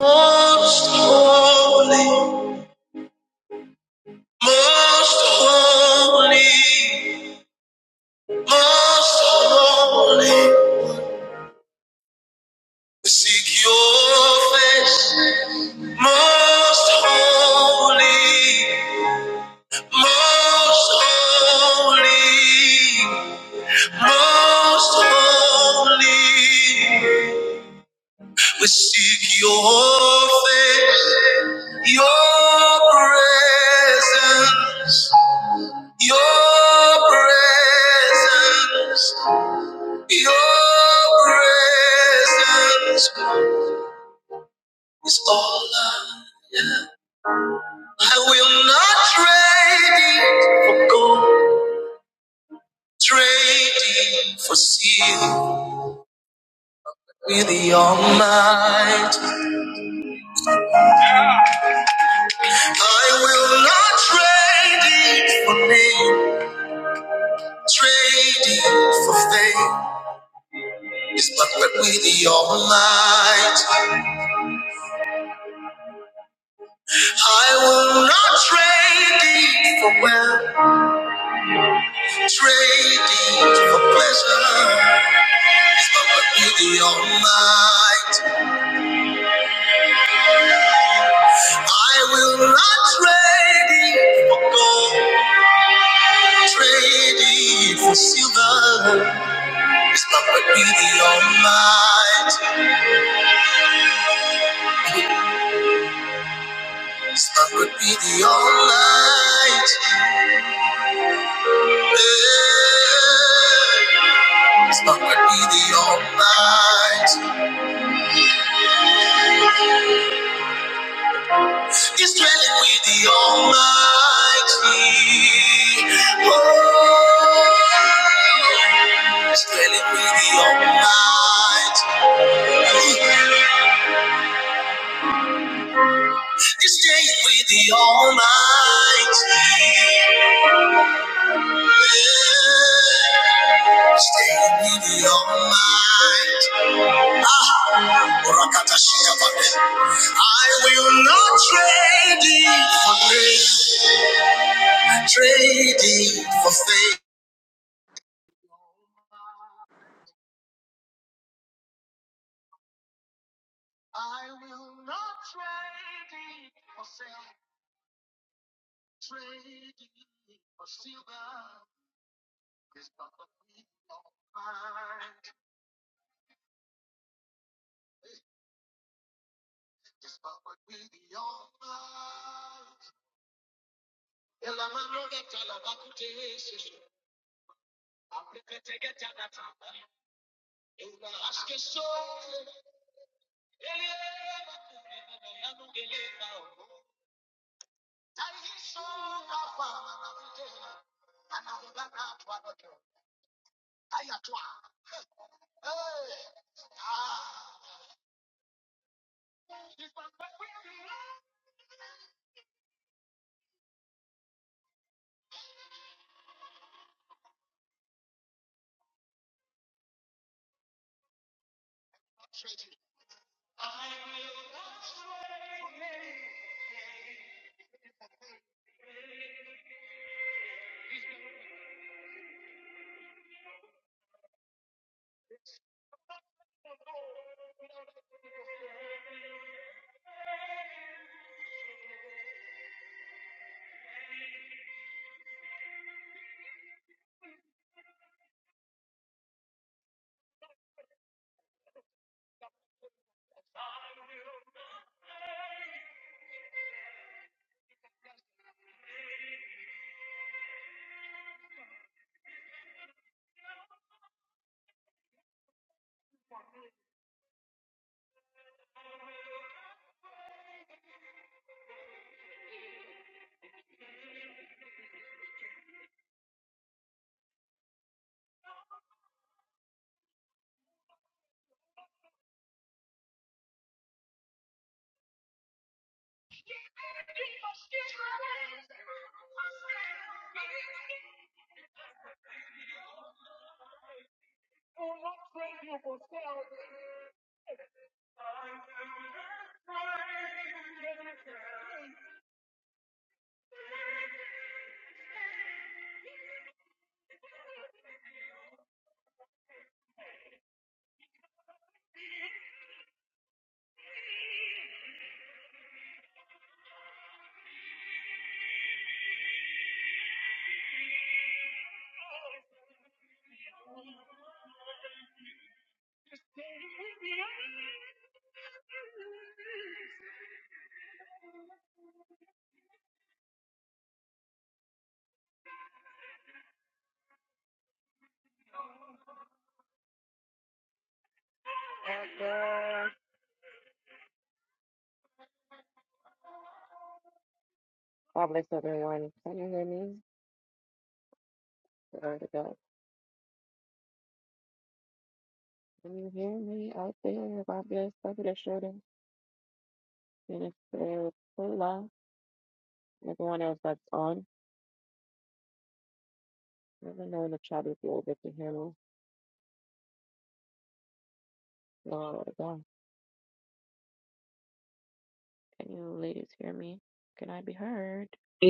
Most holy, most holy, most holy, we seek your face. Most holy, most holy, most holy, we seek your face, your presence. Your presence, your presence is all I am. I will not trade it for gold, trade it for silver. with the almighty. I will not trade it for me, trade it for faith. It's but with the almighty. I will not trade thee for wealth, trade thee for pleasure. It's with me the Almighty. I will not trade thee for gold, trade thee for silver. It's with be the Almighty. It's with be the Almighty. Hey. It's with be the Almighty. He's dwelling with the Almighty. Oh, he's dwelling with the Almighty. He's staying with the Almighty. Yeah. Staying with the Almighty. Ah, I will not trade it for grace, trade it for faith.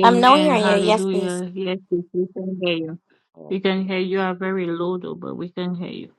I'm not hearing you. Yes, please. Hallelujah. Yes, yes, we can hear you. We can hear you. You are very low though, but we can hear you.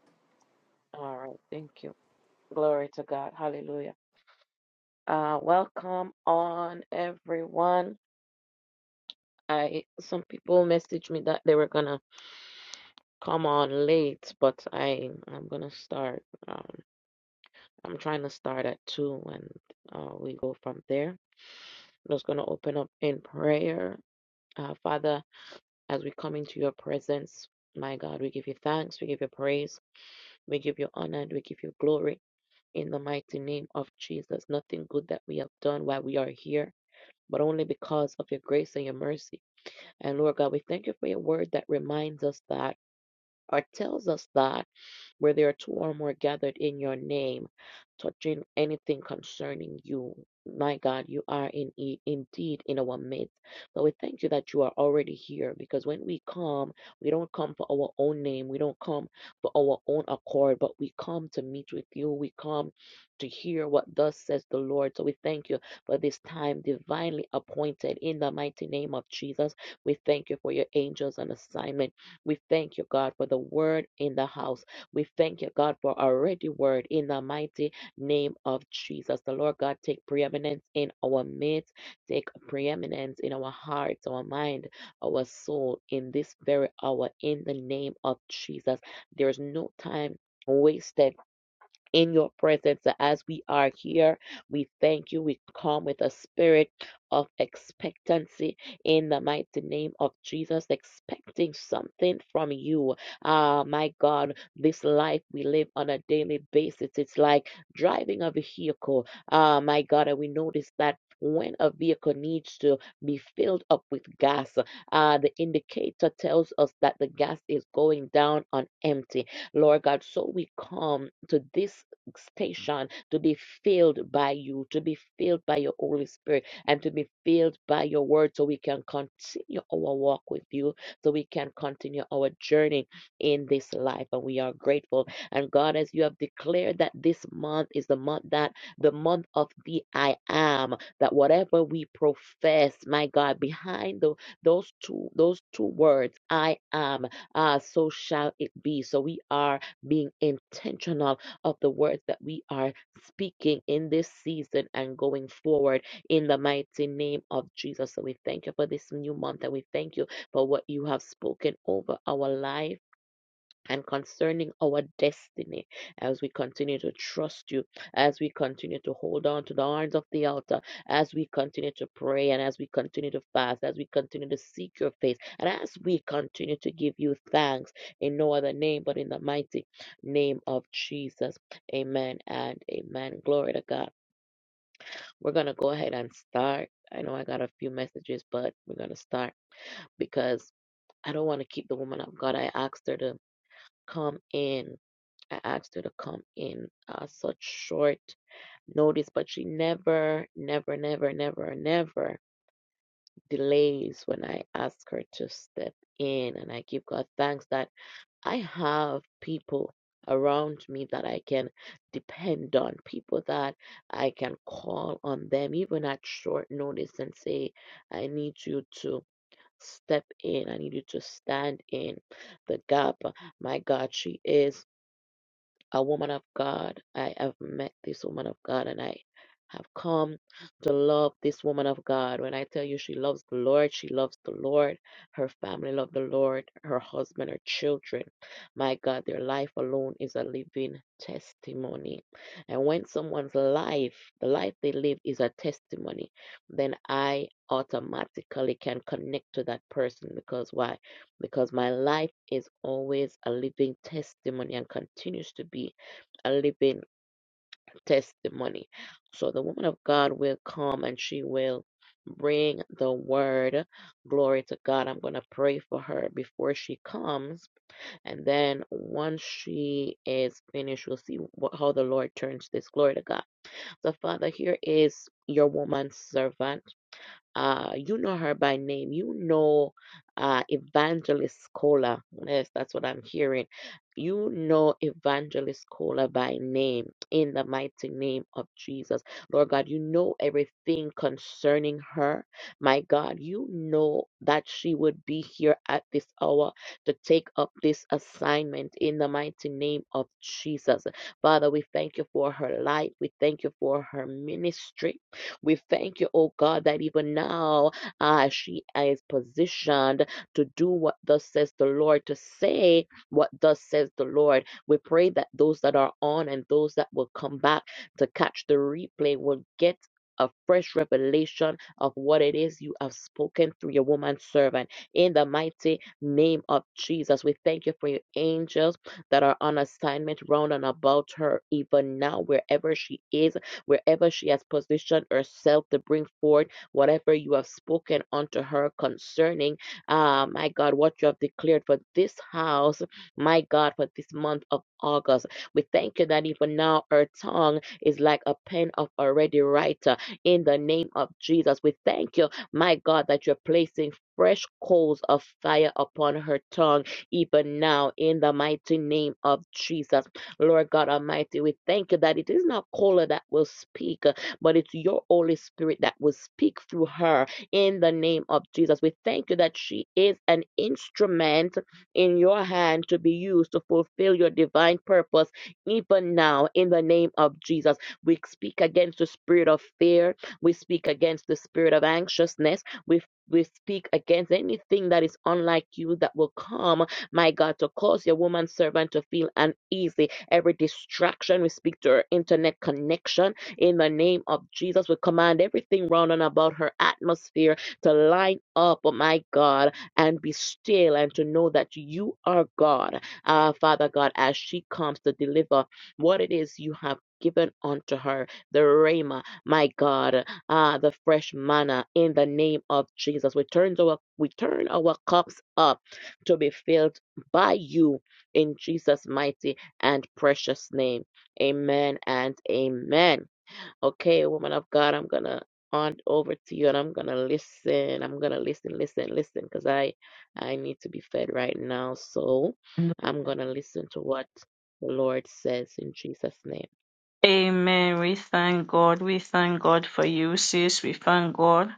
Amen. We thank God. We thank God for you, sis. We thank God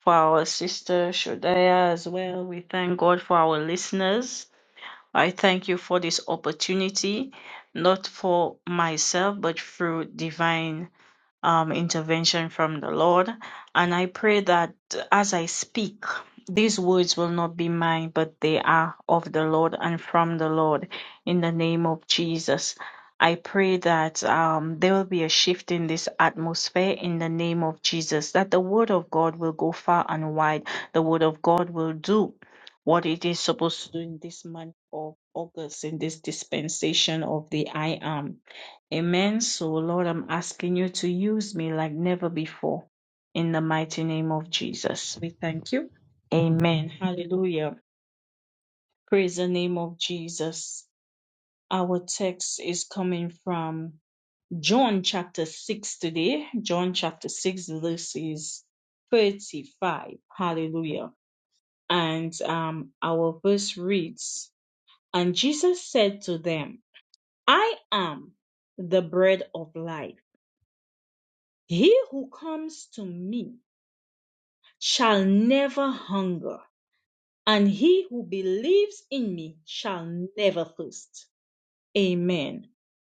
for our sister Shodaya as well. We thank God for our listeners. I thank you for this opportunity, not for myself, but through divine um, intervention from the Lord. And I pray that as I speak, these words will not be mine, but they are of the Lord and from the Lord in the name of Jesus. I pray that um, there will be a shift in this atmosphere in the name of Jesus, that the word of God will go far and wide. The word of God will do what it is supposed to do in this month of August, in this dispensation of the I am. Amen. So, Lord, I'm asking you to use me like never before in the mighty name of Jesus. We thank you. Amen. Hallelujah. Praise the name of Jesus. Our text is coming from John chapter 6 today. John chapter 6, this is 35. Hallelujah. And um, our verse reads And Jesus said to them, I am the bread of life. He who comes to me shall never hunger, and he who believes in me shall never thirst. Amen.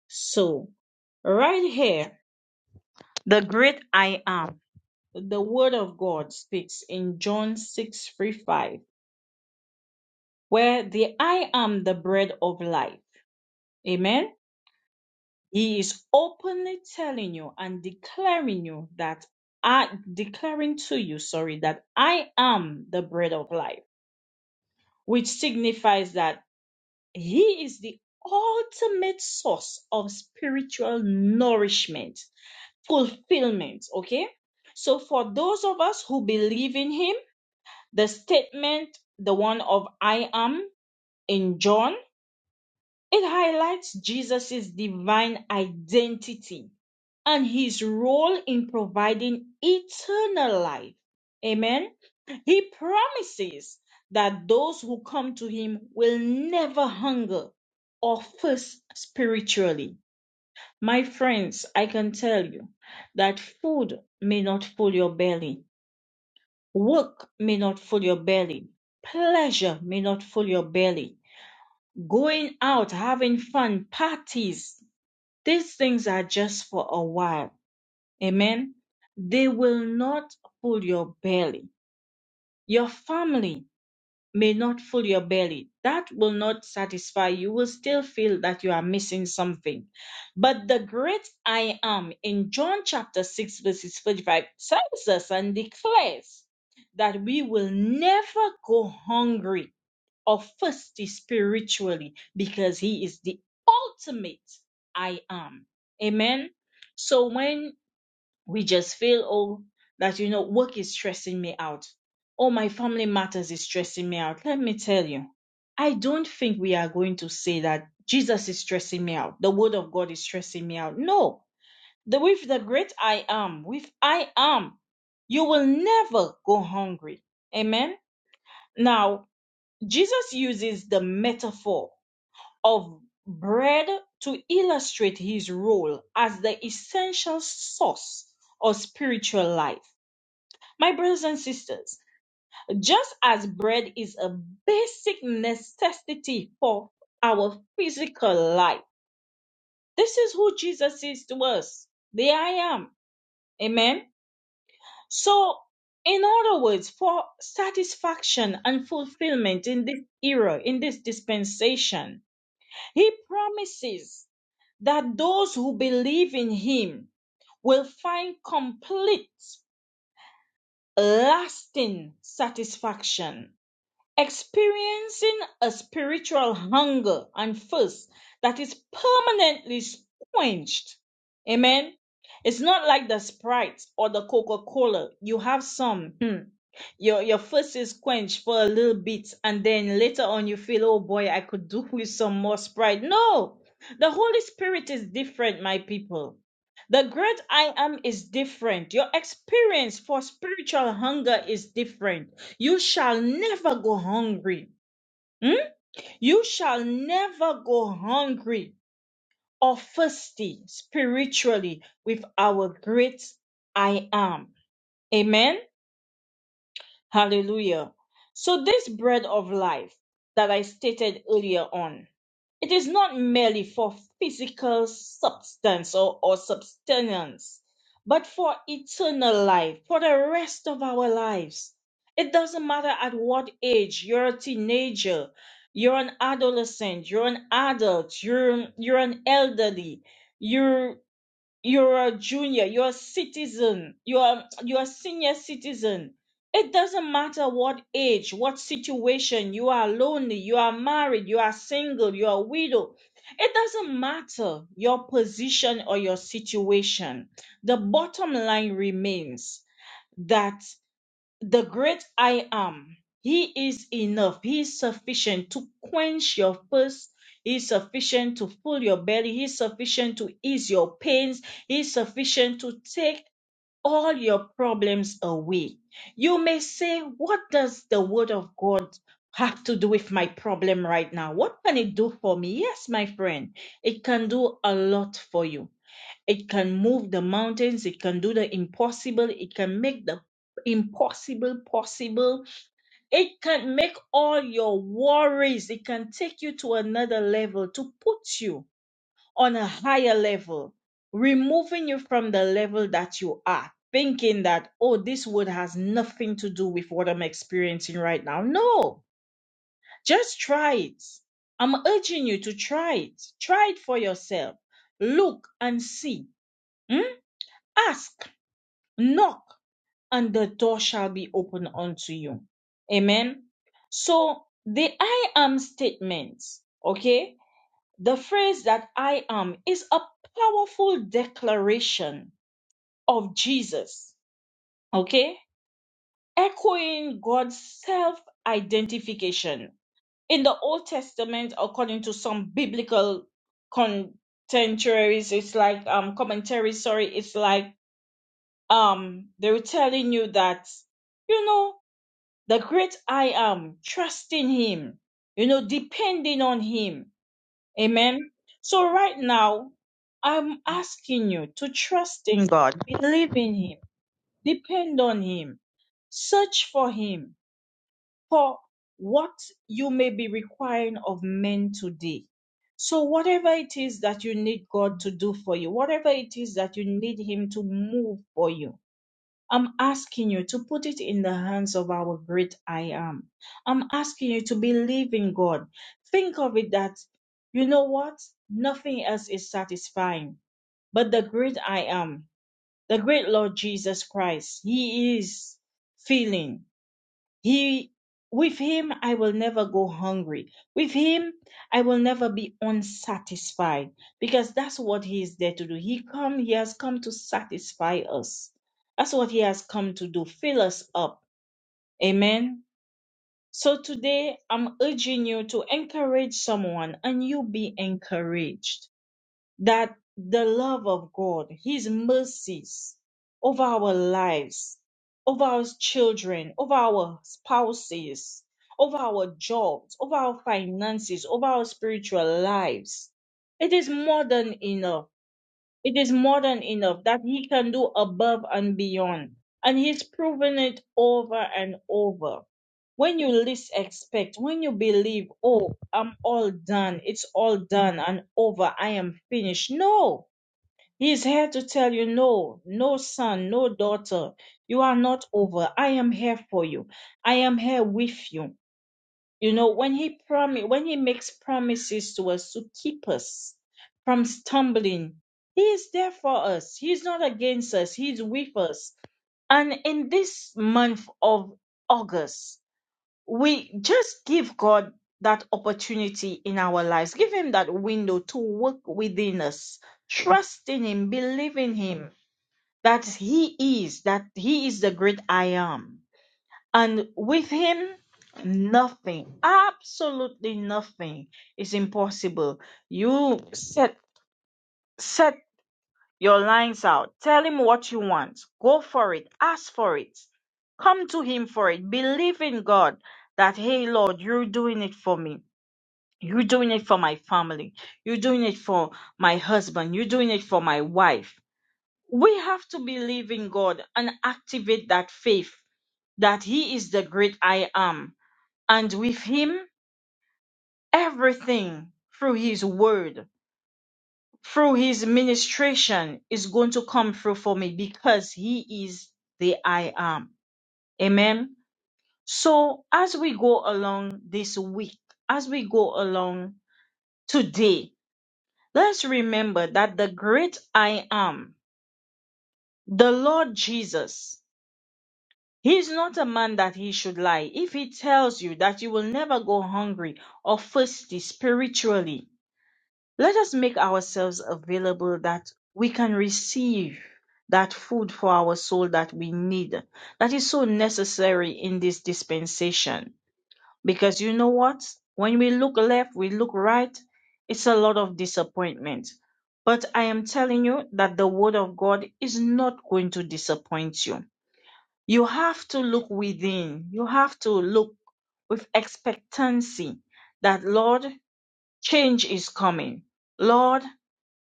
So, right here, the great I am, the word of God speaks in John 6 3 5, where the I am the bread of life. Amen. He is openly telling you and declaring you that I declaring to you, sorry, that I am the bread of life. which signifies that He is the ultimate source of spiritual nourishment, fulfillment. Okay? So, for those of us who believe in Him, the statement, the one of I am in John, it highlights Jesus' divine identity and His role in providing eternal life. Amen. He promises that those who come to him will never hunger or thirst spiritually. My friends, I can tell you that food may not fill your belly, work may not fill your belly, pleasure may not fill your belly, going out, having fun, parties, these things are just for a while. Amen. They will not fill your belly. Your family may not fill your belly. That will not satisfy. You will still feel that you are missing something. But the great I am in John chapter 6, verses 45 tells us and declares that we will never go hungry or thirsty spiritually because he is the ultimate I am. Amen. So when we just feel oh that you know work is stressing me out oh my family matters is stressing me out let me tell you i don't think we are going to say that jesus is stressing me out the word of god is stressing me out no the with the great i am with i am you will never go hungry amen now jesus uses the metaphor of bread to illustrate his role as the essential source of spiritual life. My brothers and sisters, just as bread is a basic necessity for our physical life, this is who Jesus is to us. The I am. Amen. So, in other words, for satisfaction and fulfillment in this era, in this dispensation, He promises that those who believe in him will find complete, lasting satisfaction. experiencing a spiritual hunger and thirst that is permanently quenched. Amen. It's not like the Sprite or the Coca Cola. You have some. hmm, Your your thirst is quenched for a little bit, and then later on you feel, oh boy, I could do with some more Sprite. No, the Holy Spirit is different, my people. The great I am is different. Your experience for spiritual hunger is different. You shall never go hungry. Hmm? You shall never go hungry or thirsty spiritually with our great I am. Amen. Hallelujah. So, this bread of life that I stated earlier on, It is not merely for physical substance or, or substance, but for eternal life, for the rest of our lives. It doesn't matter at what age you're a teenager, you're an adolescent, you're an adult, you're, you're an elderly, you're you're a junior, you're a citizen, you're a- you're a senior citizen. It doesn't matter what age, what situation, you are lonely, you are married, you are single, you're a widow. It doesn't matter your position or your situation. The bottom line remains that the great I am. He is enough. He is sufficient to quench your thirst. He is sufficient to fill your belly. He is sufficient to ease your pains. He is sufficient to take all your problems away. You may say, What does the word of God have to do with my problem right now? What can it do for me? Yes, my friend, it can do a lot for you it can move the mountains. It can do the impossible. It can make the impossible possible. It can make all your worries. It can take you to another level to put you on a higher level, removing you from the level that you are. Thinking that, oh, this word has nothing to do with what I'm experiencing right now. No, just try it. I'm urging you to try it. Try it for yourself. Look and see. Hmm? Ask knock and the door shall be opened unto you. Amen. So the I am statements, okay, the phrase that I am is a powerful declaration of Jesus, okay, echoing God's self identification. In the Old Testament, according to some biblical contemporaries, it's like um commentaries, sorry, it's like um they were telling you that you know the great I am, trusting Him, you know, depending on Him. Amen. So right now, I'm asking you to trust in God, believe in Him, depend on Him, search for Him for what you may be requiring of men today. So, whatever it is that you need God to do for you, whatever it is that you need Him to move for you, I'm asking you to put it in the hands of our great I am. I'm asking you to believe in God. Think of it that, you know what? Nothing else is satisfying but the great I am, the great Lord Jesus Christ. He is filling. He with him I will never go hungry. With him I will never be unsatisfied because that's what he is there to do. He come he has come to satisfy us. That's what he has come to do. Fill us up. Amen. So today I'm urging you to encourage someone and you be encouraged that the love of God, His mercies over our lives, over our children, over our spouses, over our jobs, over our finances, over our spiritual lives, it is more than enough. It is more than enough that he can do above and beyond. And he's proven it over and over. When you least expect, when you believe, oh, I'm all done, it's all done and over, I am finished. No, he's here to tell you, no, no son, no daughter, you are not over. I am here for you. I am here with you. You know, when he promise, when he makes promises to us to keep us from stumbling, he is there for us. He's not against us. He's with us. And in this month of August, we just give God that opportunity in our lives. Give him that window to work within us. Trust in him, believe in him that he is, that he is the great I am and with him, nothing, absolutely nothing is impossible. You set set your lines out. Tell him what you want. Go for it. Ask for it. Come to him for it. Believe in God that hey Lord, you're doing it for me. You're doing it for my family. You're doing it for my husband. You're doing it for my wife. We have to believe in God and activate that faith that he is the great I am and with him everything through his word through his ministration is going to come through for me because he is the i am amen so as we go along this week as we go along today let's remember that the great i am the lord jesus he is not a man that he should lie if he tells you that you will never go hungry or thirsty spiritually Let us make ourselves available that we can receive that food for our soul that we need, that is so necessary in this dispensation. Because you know what? When we look left, we look right, it's a lot of disappointment. But I am telling you that the Word of God is not going to disappoint you. You have to look within, you have to look with expectancy that, Lord, change is coming. Lord,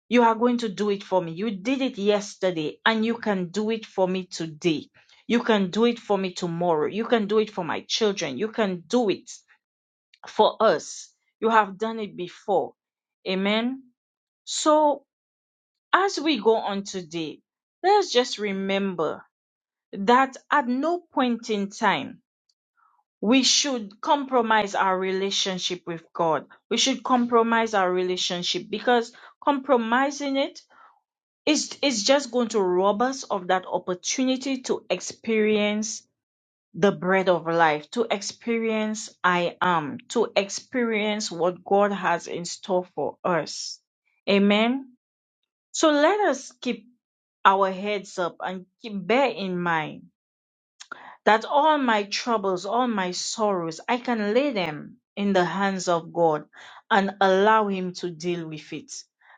you are going to do it for me. You did it yesterday and you can do it for me today. You can do it for me tomorrow. You can do it for my children. You can do it for us. You have done it before. Amen. So as we go on today, let's just remember that at no point in time we should compromise our relationship with God. We should compromise our relationship because compromising it It's, it's just going to rob us of that opportunity to experience the bread of life, to experience I am, to experience what God has in store for us. Amen. So let us keep our heads up and keep bear in mind that all my troubles, all my sorrows, I can lay them in the hands of God and allow Him to deal with it.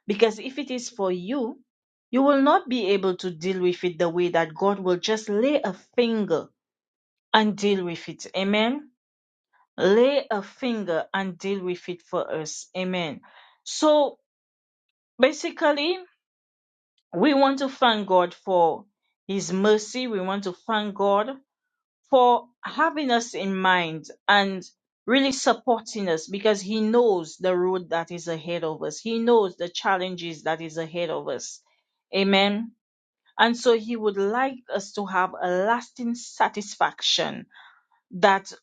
Because if it is for you, you will not be able to deal with it the way that God will just lay a finger and deal with it. Amen. Lay a finger and deal with it for us. Amen. So basically, we want to thank God for His mercy. We want to thank God for having us in mind and really supporting us because he knows the road that is ahead of us. He knows the challenges that is ahead of us. Amen. And so he would like us to have a lasting satisfaction that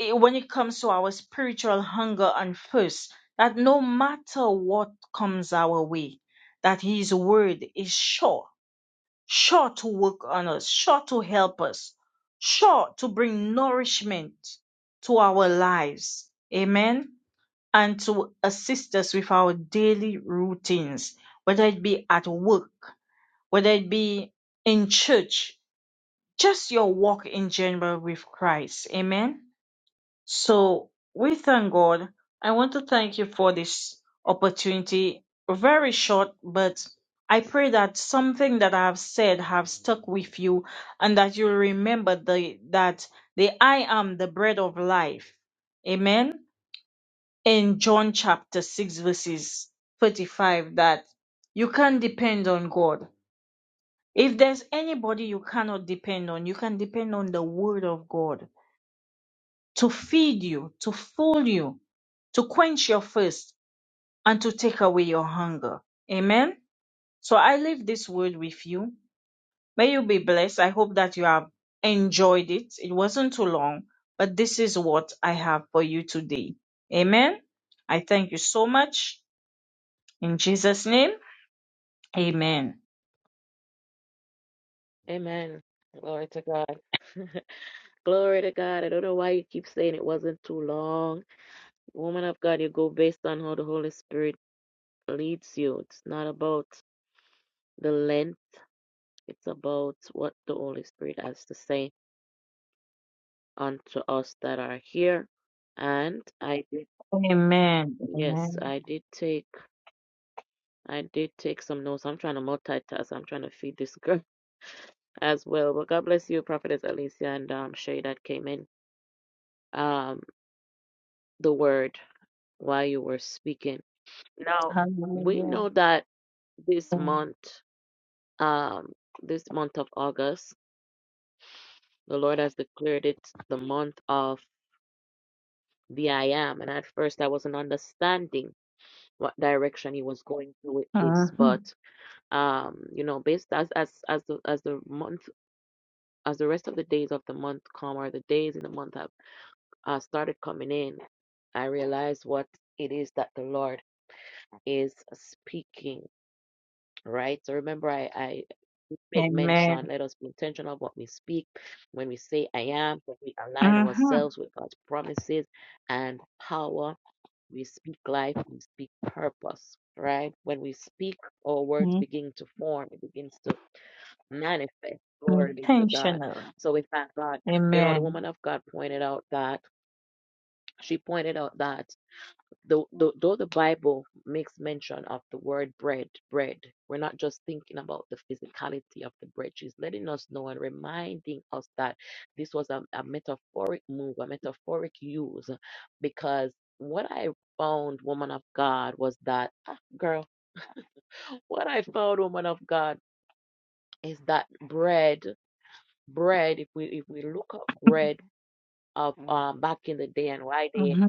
i- when it comes to our spiritual hunger and thirst, that no matter what comes our way, that his word is sure sure to work on us, sure to help us, sure to bring nourishment to our lives. Amen. And to assist us with our daily routines, whether it be at work, whether it be in church, just your walk in general with Christ. Amen. So we thank God. I want to thank you for this opportunity. Very short, but I pray that something that I have said have stuck with you and that you remember the that the I am the bread of life. Amen. In John chapter 6 verses 35 that you can depend on God. If there's anybody you cannot depend on, you can depend on the word of God to feed you, to fuel you, to quench your thirst, and to take away your hunger. Amen. So I leave this word with you. May you be blessed. I hope that you have enjoyed it. It wasn't too long, but this is what I have for you today. Amen. I thank you so much. In Jesus' name, amen. Amen. Amen. Hallelujah. Mhm. Amen. hmm Intentional. Amen. Mhm.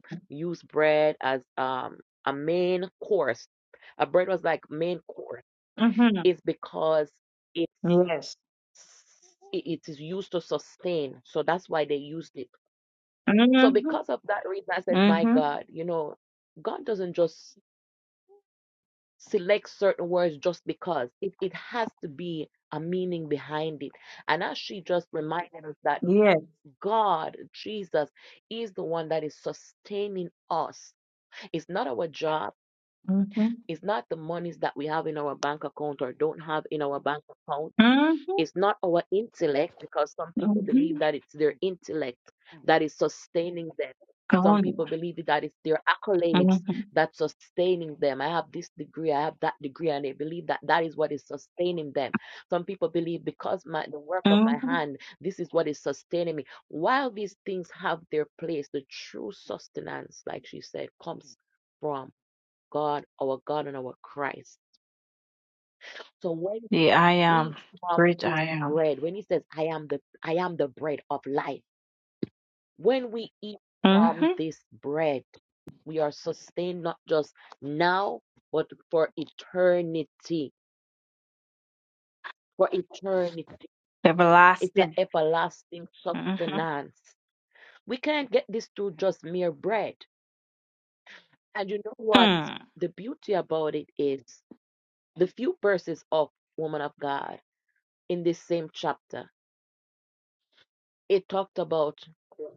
Mhm. Yes. Mhm. Mhm. Yes. Mhm. Mhm. Mhm. Going. Mhm. Mhm. The I am. Great I am. Mhm. Everlasting. Mhm. Mm.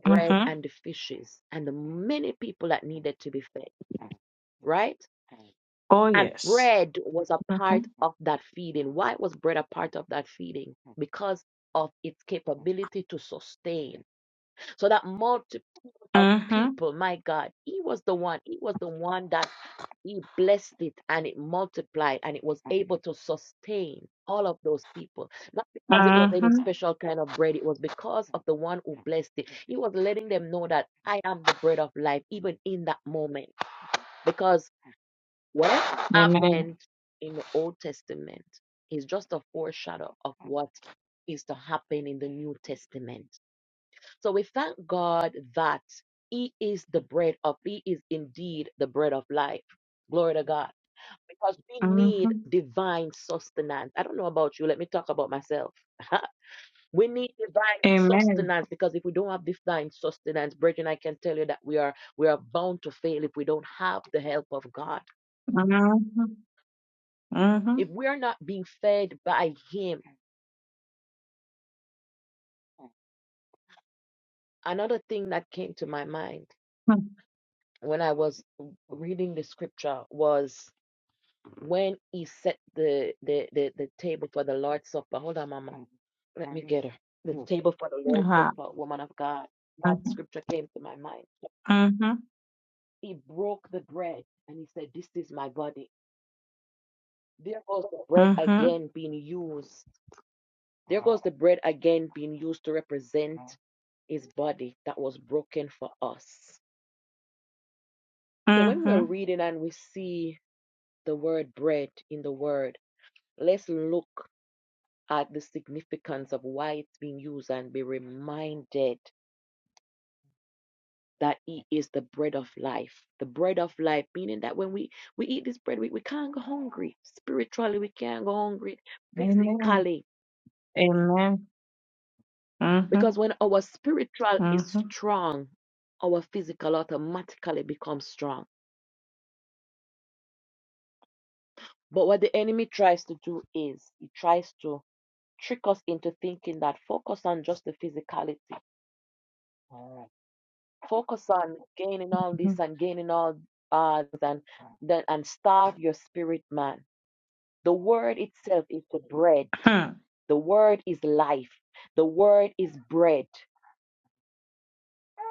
Mhm. Oh yes. Mhm. Mhm. Mhm. Amen. Mhm. Amen. Mhm. Mhm. Mhm. Mhm. Mhm. Mhm. Amen. Amen. Mm-hmm. Mm-hmm. hmm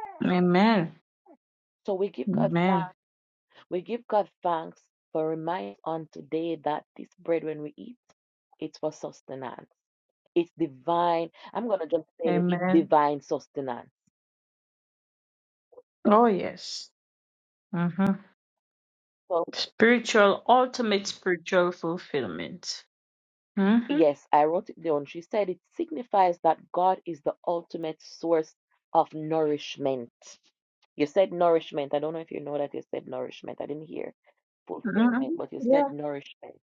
Amen. Amen. Amen. Oh, yes. Mm-hmm. Spiritual, ultimate spiritual fulfillment. Mm-hmm. Mm-hmm. Yeah.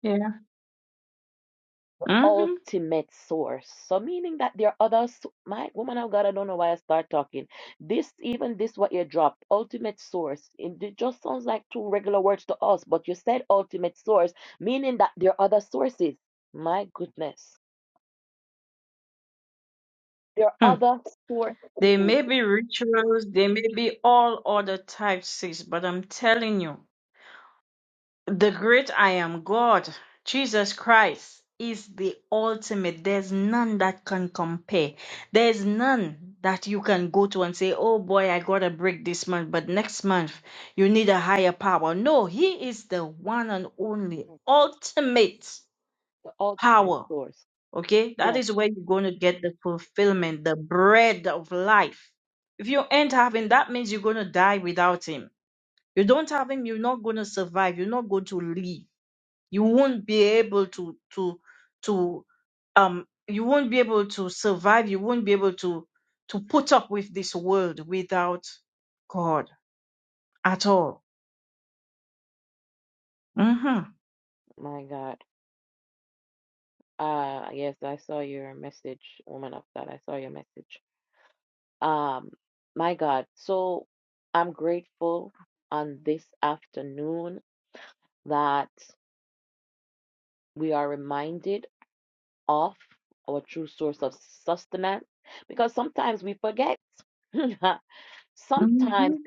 Yeah. Mm-hmm. They may be rituals, they may be all other types, sis. but I'm telling you, The great I am God, Jesus Christ, is the ultimate. There's none that can compare. There's none that you can go to and say, oh boy, I got a break this month, but next month you need a higher power. No, He is the one and only ultimate power. Okay? That is where you're going to get the fulfillment, the bread of life. If you ain't having, that means you're going to die without Him. You don't have Him, you're not going to survive, you're not going to live you won't be able to to to um you won't be able to survive you won't be able to to put up with this world without god at all mhm mhm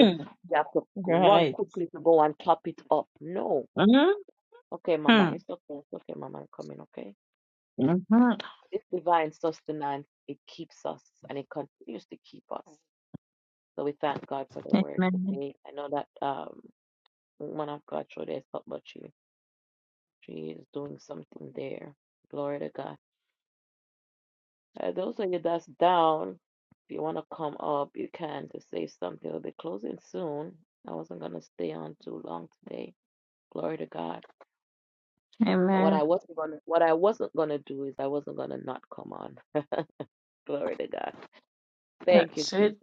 Mm. right mhm mhm Amen. Amen. That's it.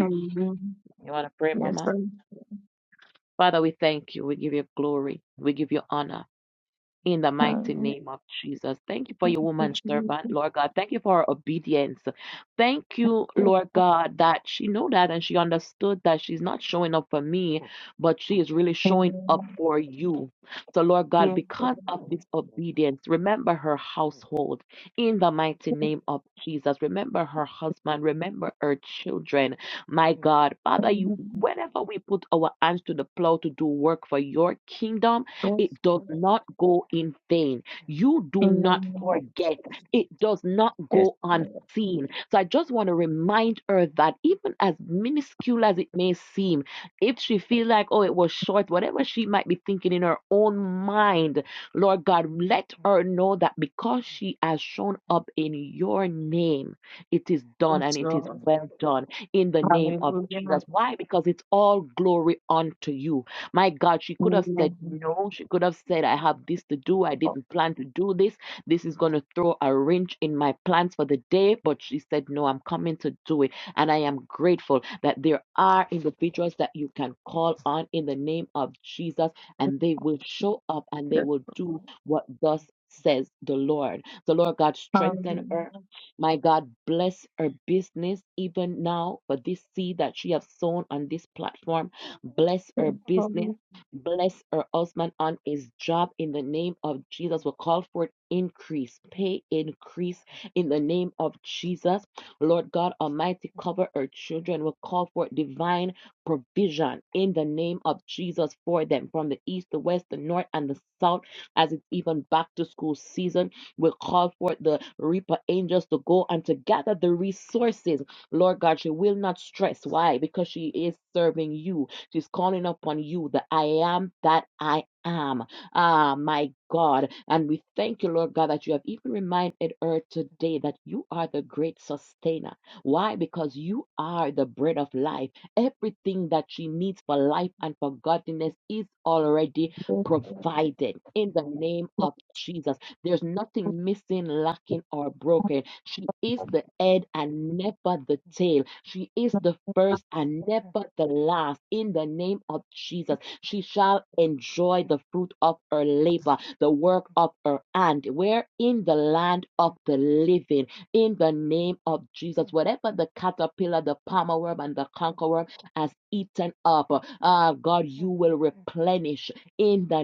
Amen. Yes, I'm. um, thank you, Jesus. Amen. Yes, Lord. Amen. Yes, Lord. In the name of Jesus. Lord. Yes, Lord. Hallelujah. Amen. Oh, yes. Hallelujah. Yes, Lord.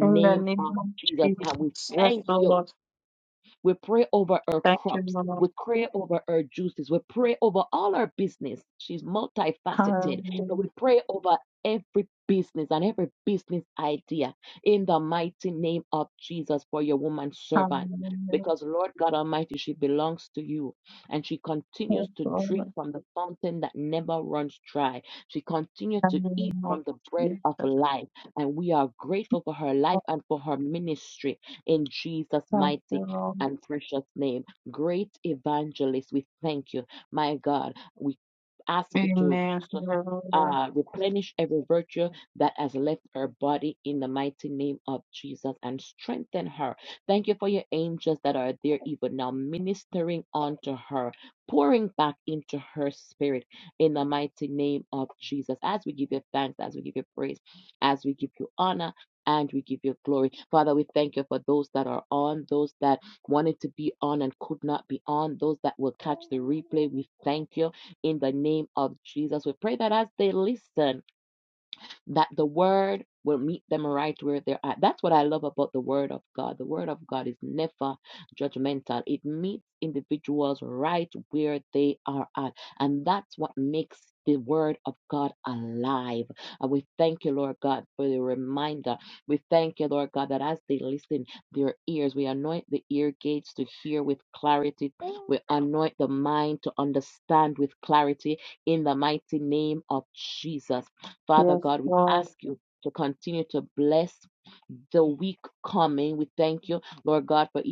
In the name of Jesus. Yes, Lord. Thank you, Lord. Hallelujah. Hallelujah. Yes, Lord. In the name of Jesus. Oh, Thank you, Lord. Amen. Hallelujah. Yes, Lord.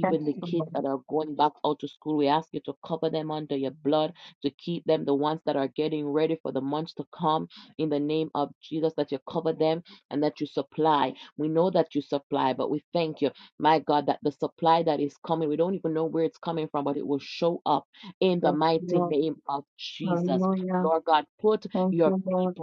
Yes, Lord. Yes, Lord. Hallelujah. Thank you, Lord.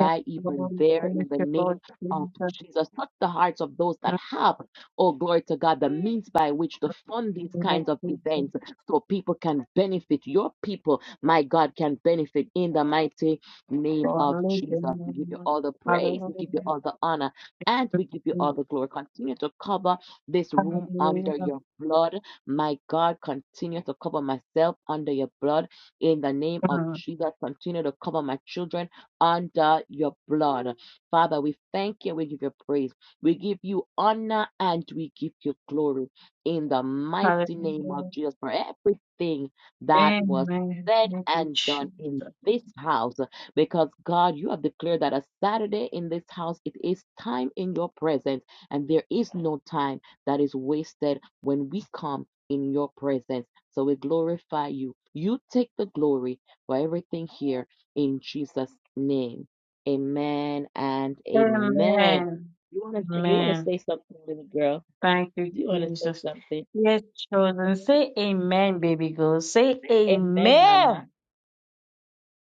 Yes, Lord. Thank you, Lord Jesus. Thank you, Lord Jesus. Hallelujah. Hallelujah. Hallelujah. Mm. Hallelujah. Amen. Thank you, Jesus. Amen. Amen. Thank you, Jesus. Yes, children, say amen, baby girl. Say amen.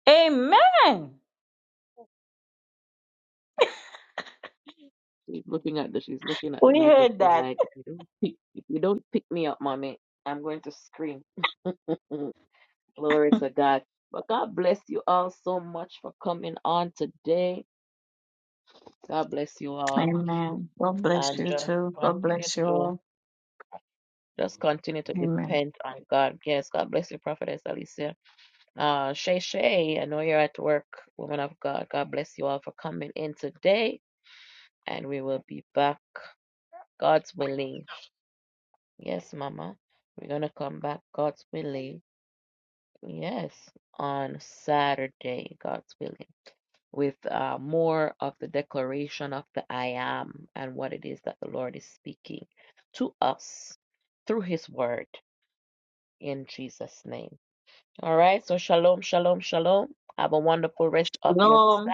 Amen. We heard that. Amen. God bless you too. God bless you all. Amen. Lord.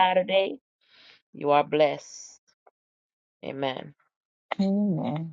Amen.